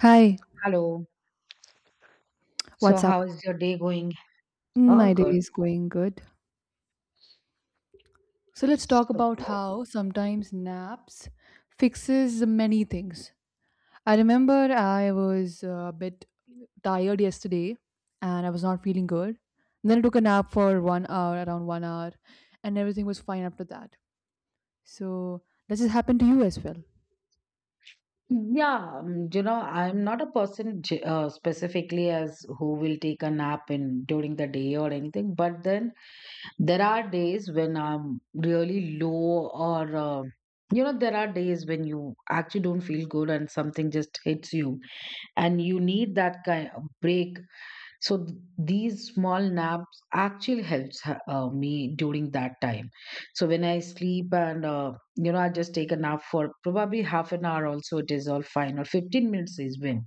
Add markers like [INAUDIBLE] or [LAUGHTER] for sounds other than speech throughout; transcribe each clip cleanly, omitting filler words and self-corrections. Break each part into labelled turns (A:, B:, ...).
A: Hi,
B: Hello. So,
A: what's up?
B: how is your day going?
A: Mm,
B: All
A: my day
B: good.
A: is going good. So let's talk
B: So
A: about how sometimes naps fixes many things. I remember I was a bit tired yesterday and I was not feeling good. And then I took a nap for 1 hour, around 1 hour, and everything was fine after that. So does this happen to you as well?
B: Yeah, you know, I'm not a person specifically as who will take a nap in during the day or anything, but then there are days when I'm really low or you know, there are days when you actually don't feel good and something just hits you, and you need that kind of break. So these small naps actually helps me during that time. So when I sleep and you know, I just take a nap for probably half an hour also, it is all fine, or 15 minutes is when,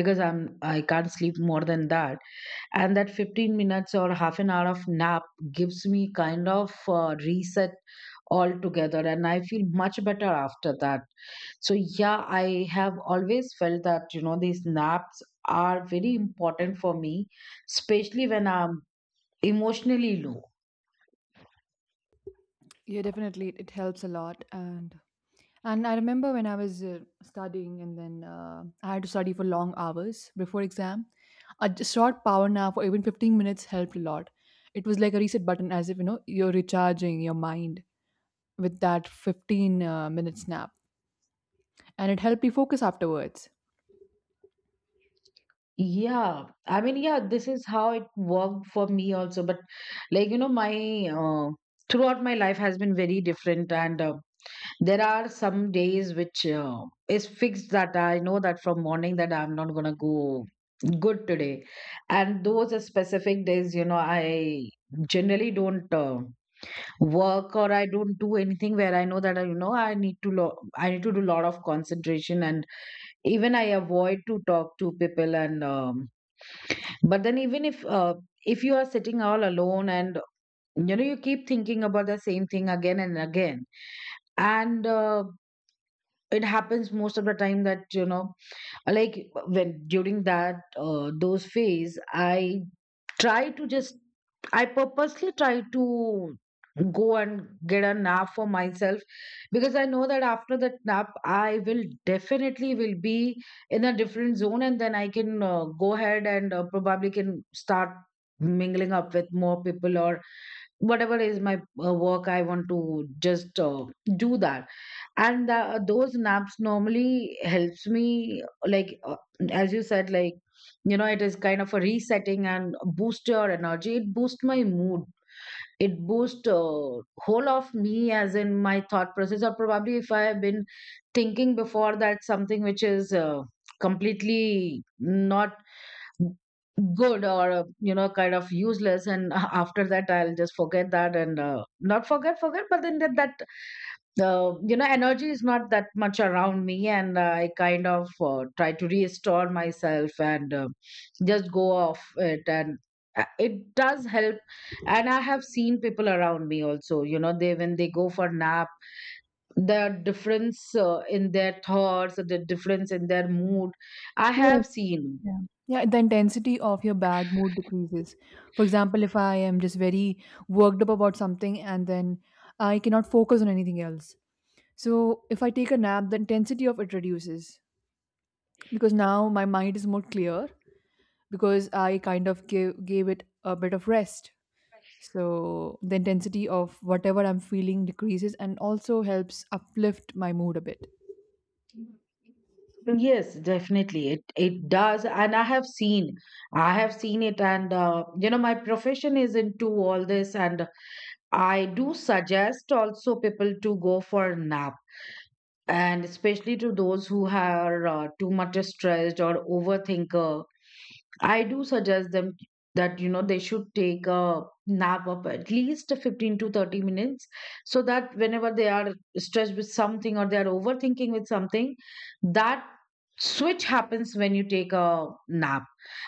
B: because I can't sleep more than that. And that 15 minutes or half an hour of nap gives me kind of reset altogether, and I feel much better after that. So yeah, I have always felt that you know these naps are very important for me, especially when I'm emotionally low.
A: Yeah, definitely. It helps a lot. And I remember when I was studying, and then I had to study for long hours before exam. A short power nap for even 15 minutes helped a lot. It was like a reset button, as if you know you're recharging your mind with that 15 minute nap, and it helped me focus afterwards.
B: Yeah, I mean, yeah, this is how it worked for me also. But like you know, my uh, throughout my life has been very different, and there are some days which is fixed, that I know that from morning that I'm not gonna go good today, and those are specific days, you know, I generally don't. Work, or I don't do anything where I know that I, you know, I need to I need to do a lot of concentration, and even I avoid to talk to people and but then even if you are sitting all alone, and you know you keep thinking about the same thing again and again, and it happens most of the time, that you know, like, when during that those phase I try to just, I purposely try to go and get a nap for myself, because I know that after that nap I will definitely will be in a different zone, and then I can go ahead and probably can start mingling up with more people, or whatever is my work I want to just do that. And those naps normally helps me, like as you said, like, you know, it is kind of a resetting, and boost your energy, it boosts my mood, it boosts whole of me, as in my thought process, or probably if I have been thinking before that something which is completely not good, or you know, kind of useless, and [LAUGHS] after that I'll just forget that, and not forget forget, but then that, you know, energy is not that much around me, and I kind of try to restore myself, and just go off it. And it does help. And I have seen people around me also, you know, they, when they go for nap, the difference in their thoughts, the difference in their mood, I
A: Yes,
B: have seen.
A: yeah. Yeah, the intensity of your bad mood decreases. For example, if I am just very worked up about something, and then I cannot focus on anything else. So if I take a nap, the intensity of it reduces because now my mind is more clear because I kind of gave it a bit of rest. So the intensity of whatever I'm feeling decreases and also helps uplift my mood a bit.
B: Yes, definitely. It does, and I have seen it, and you know, my profession is into all this, and I do suggest also people to go for a nap, and especially to those who are too much stressed or overthinker. I do suggest them that, you know, they should take a nap of at least 15 to 30 minutes, so that whenever they are stressed with something, or they are overthinking with something, that switch happens when you take a nap.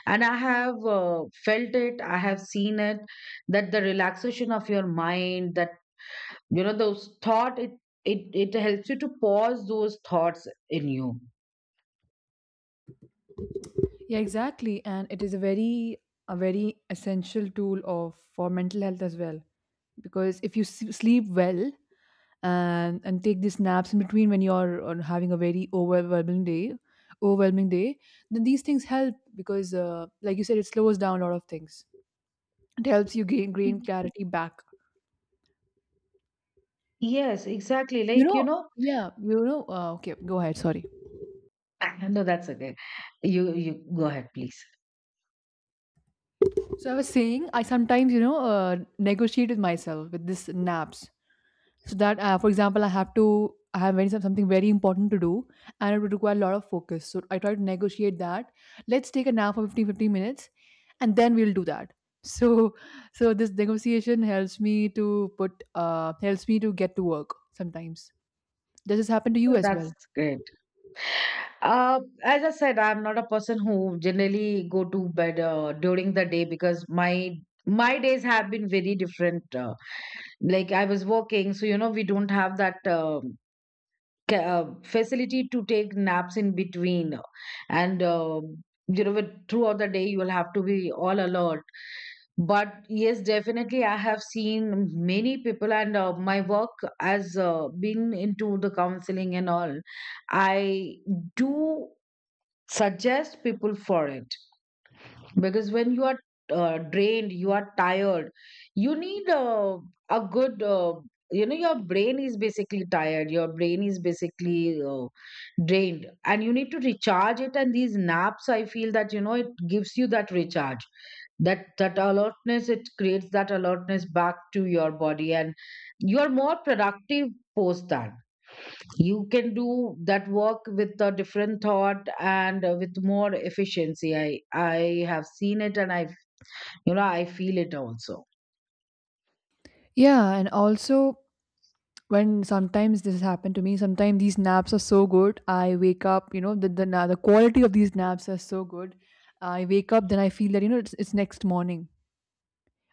B: And I have felt it, I have seen it, that the relaxation of your mind, that you know those thought, it helps you to pause those thoughts in you.
A: Yeah, exactly. And it is a very essential tool of for mental health as well, because if you sleep well and take these naps in between when you're on having a very overwhelming day, then these things help because like you said, it slows down a lot of things, it helps you gain
B: Y-
A: clarity back.
B: yes, exactly,
A: You
B: like, you
A: know,
B: know.
A: yeah, you know, okay, go ahead, sorry.
B: [LAUGHS] No, that's okay. You go ahead, please.
A: So I was saying, I sometimes, you know, negotiate with myself with this naps, so that for example, I have very, something very important to do, and it would require a lot of focus, so I try to negotiate that, let's take a nap for fifteen minutes, and then we'll do that. [LAUGHS] so so this negotiation helps me to get to work sometimes. Does this happen to
B: No,
A: you as well?
B: that's great. As I said, I'm not a person who generally go to bed during the day, because my days have been very different. Like, I was working, so you know we don't have that, facility to take naps in between. And you know, with, throughout the day you will have to be all alert. But yes, definitely I have seen many people, and my work has been into the counseling and all. I do suggest people for it, because when you are drained, you are tired, you need a good you know, your brain is basically tired, your brain is basically drained, and you need to recharge it. And these naps, I feel that, you know, it gives you that recharge, that, that alertness, it creates that alertness back to your body, and you are more productive post that. You can do that work with a different thought, and with more efficiency. I have seen it, and I, you know, I feel it also.
A: Yeah, and also when sometimes this has happened to me, sometimes these naps are so good. I wake up, you know, the quality of these naps are so good. I wake up, then I feel that, you know, it's next morning,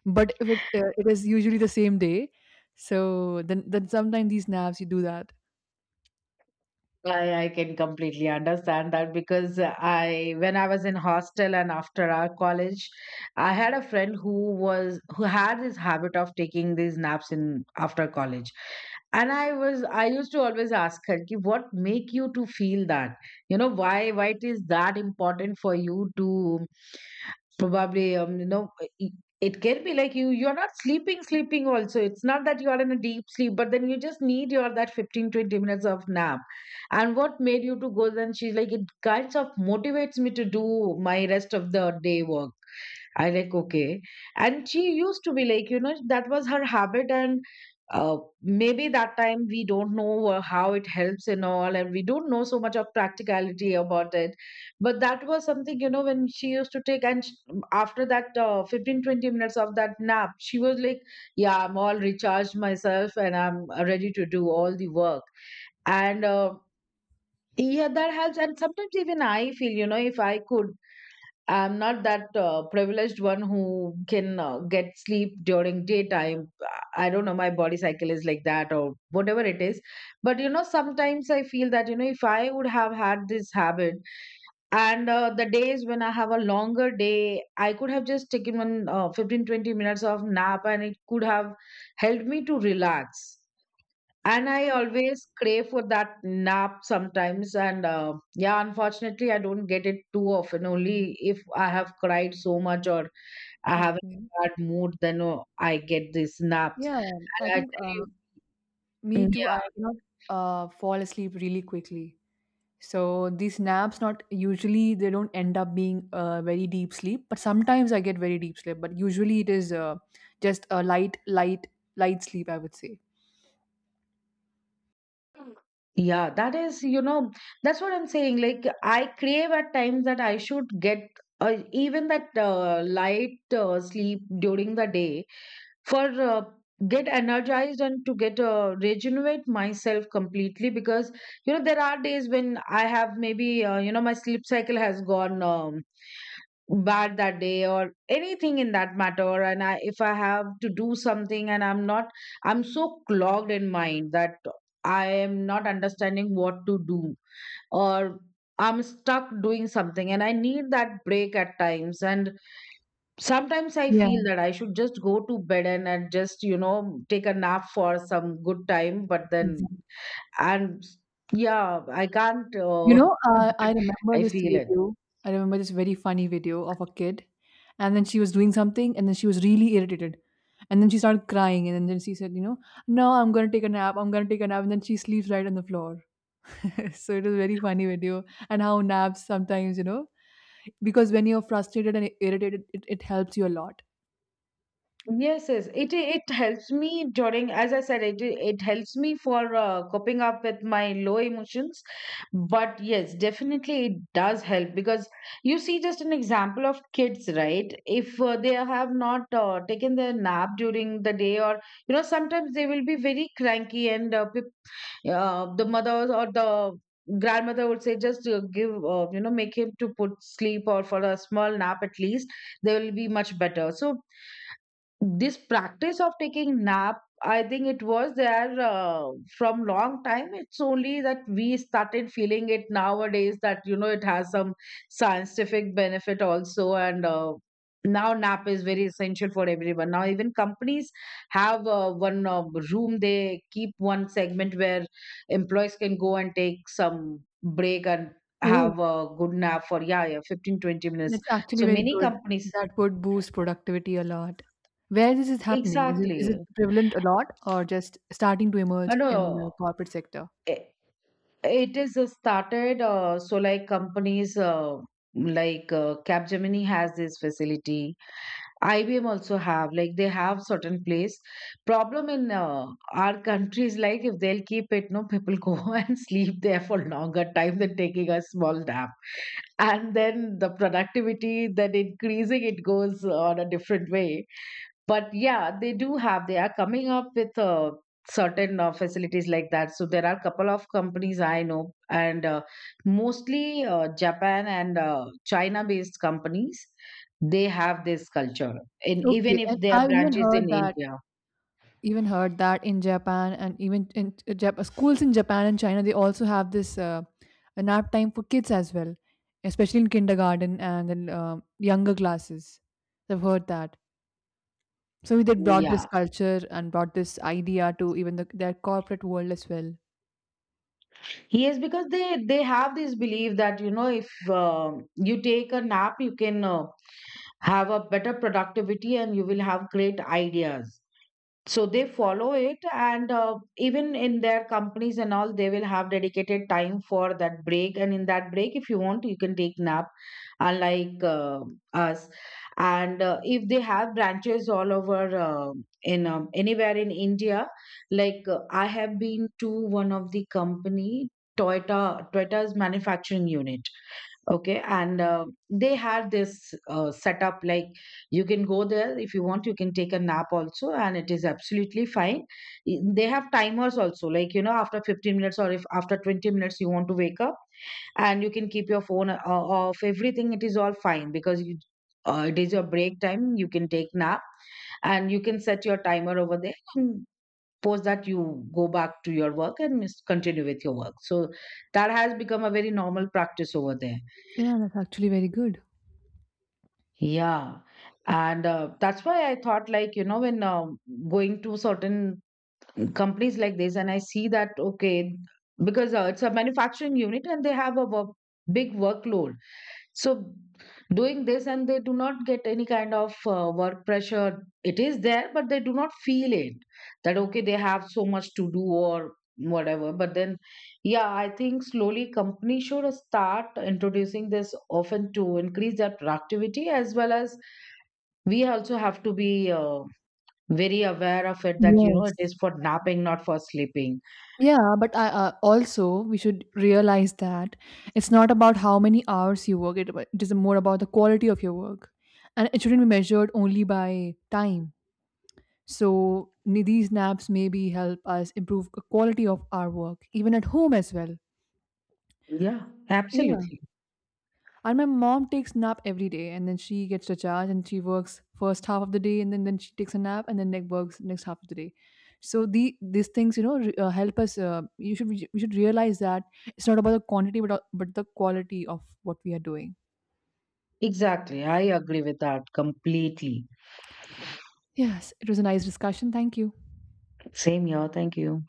A: but if it it is usually the same day, so then sometimes these naps you do that.
B: I can completely understand that, because I, when I was in hostel and after our college, I had a friend who was, who had this habit of taking these naps in after college. And I was, I used to always ask her, "Ki, what make you to feel that? You know, why it is that important for you to probably you know, it it can be like you you're not sleeping also, it's not that you are in a deep sleep, but then you just need your that 15-20 minutes of nap, and what made you to go then?" She's like, it kinds of motivates me to do my rest of the day work. I, like, okay. And she used to be like, you know, that was her habit. And maybe that time we don't know how it helps and all, and we don't know so much of practicality about it. But that was something, you know, when she used to take, and sh after that 15, 20 minutes of that nap, she was like, yeah, I'm all recharged myself and I'm ready to do all the work. And yeah, that helps. And sometimes even I feel, you know, if I could, I'm not that privileged one who can get sleep during daytime. I don't know, my body cycle is like that, or whatever it is. But, you know, sometimes I feel that, you know, if I would have had this habit, and the days when I have a longer day, I could have just taken one 15, 20 minutes of nap, and it could have helped me to relax. And I
A: Yeah,
B: always crave for that nap sometimes. And yeah, unfortunately, I don't get it too often. Only if I have cried so much, or I have
A: okay.
B: a bad mood, then oh, I get these naps.
A: Yeah, I
B: And I
A: think
B: tell
A: me
B: you,
A: too. I
B: yeah,
A: cannot fall asleep really quickly. So these naps not usually, they don't end up being very deep sleep, but sometimes I get very deep sleep. But usually it is just a light, light, light sleep, I would say.
B: yeah, that is, you know, that's what I'm saying. Like, I crave at times that I should get even that light sleep during the day, for get energized, and to get regenerate myself completely. Because you know there are days when I have maybe you know my sleep cycle has gone bad that day or anything in that matter, and I, if I have to do something and I'm not, I'm so clogged in mind that I am not understanding what to do, or I'm stuck doing something and I need that break at times. And sometimes I
A: Yeah,
B: feel that I should just go to bed and just you know take a nap for some good time, but then
A: exactly.
B: and yeah I can't
A: You know,
B: [LAUGHS]
A: I
B: but
A: remember
B: I
A: this
B: feel it.
A: video. I remember this very funny video of a kid, and then she was doing something, and then she was really irritated, and then she started crying, and then she said, "You know, no, I'm gonna take a nap. I'm gonna take a nap," and then she sleeps right on the floor. [LAUGHS] So it was a very funny video, and how naps sometimes, because when you're frustrated and irritated, it helps you a lot.
B: Yes, yes. It helps me during, as I said, it helps me for coping up with my low emotions. But yes, definitely it does help, because you see just an example of kids, right? If they have not taken their nap during the day, or you know, sometimes they will be very cranky, and the mothers or the grandmother would say, just give you know, make him to put sleep, or for a small nap at least they will be much better. So this practice of taking nap, I think it was there from long time, it's only that we started feeling it nowadays, that you know it has some scientific benefit also. And now nap is very essential for everyone. Now even companies have one room, they keep one segment where employees can go and take some break, and
A: Oh,
B: have a good nap for yeah, yeah 15-20 minutes.
A: that's actually
B: So
A: very
B: many
A: good.
B: companies,
A: That would boost productivity a lot. Where this is happening? Is it
B: exactly.
A: prevalent a lot, or just starting to
B: I
A: emerge in the
B: know.
A: corporate sector?
B: I- It is started, so like companies like Capgemini has this facility. IBM also have, like they have certain place. Problem in our country is like, if they'll keep it, no, people go [LAUGHS] and sleep there for longer time than taking a small nap. And then the productivity then increasing, it goes on a different way. But yeah, they do have, they are coming up with certain facilities like that. So there are a couple of companies I know, and mostly Japan and China based companies, they have this culture, and even
A: Okay,
B: if
A: and
B: they are
A: I've even
B: branches in
A: heard that
B: India.
A: even heard that in Japan, and even in schools in Japan and China, they also have this a nap time for kids as well, especially in kindergarten and then younger classes. I've heard that. So they brought this
B: Yeah,
A: culture and brought this idea to even their corporate world as well.
B: yes, because they have this belief that, you know, if uh, you take a nap, you can have a better productivity, and you will have great ideas. So they follow it, and even in their companies and all, they will have dedicated time for that break. And in that break, if you want, you can take nap, unlike us. And if they have branches all over in anywhere in India, like I have been to one of the company, Toyota's manufacturing unit. Okay, and they had this setup, like, you can go there if you want, you can take a nap also, and it is absolutely fine. They have timers also, like, you know, after 15 minutes or if after 20 minutes you want to wake up, and you can keep your phone off. Everything it is all fine, because you, it is your break time. You can take nap, and you can set your timer over there. And post that you go back to your work, and continue with your work. So that has become a very normal practice over there.
A: Yeah, that's actually very good.
B: Yeah. And that's why I thought, like, you know, when going to certain companies like this, and I see that, okay, because it's a manufacturing unit and they have a work, big workload, so doing this, and they do not get any kind of work pressure, it is there, but they do not feel it, that okay they have so much to do or whatever, but then yeah I think slowly companies should start introducing this often to increase their productivity, as well as we also have to be very aware of it, that you know it
A: Yes.
B: is for napping, not for sleeping.
A: Yeah, but I also we should realize that it's not about how many hours you work. It is more about the quality of your work, and it shouldn't be measured only by time. So these naps maybe help us improve the quality of our work, even at home as well.
B: Yeah, absolutely.
A: And my mom takes nap every day, and then she gets to charge, and she works first half of the day, and then she takes a nap, and then like works next half of the day. So these things help us. You should we should realize that it's not about the quantity, but the quality of what we are doing.
B: Exactly, I agree with that completely.
A: Yes, it was a nice discussion. Thank you.
B: Same here, thank you.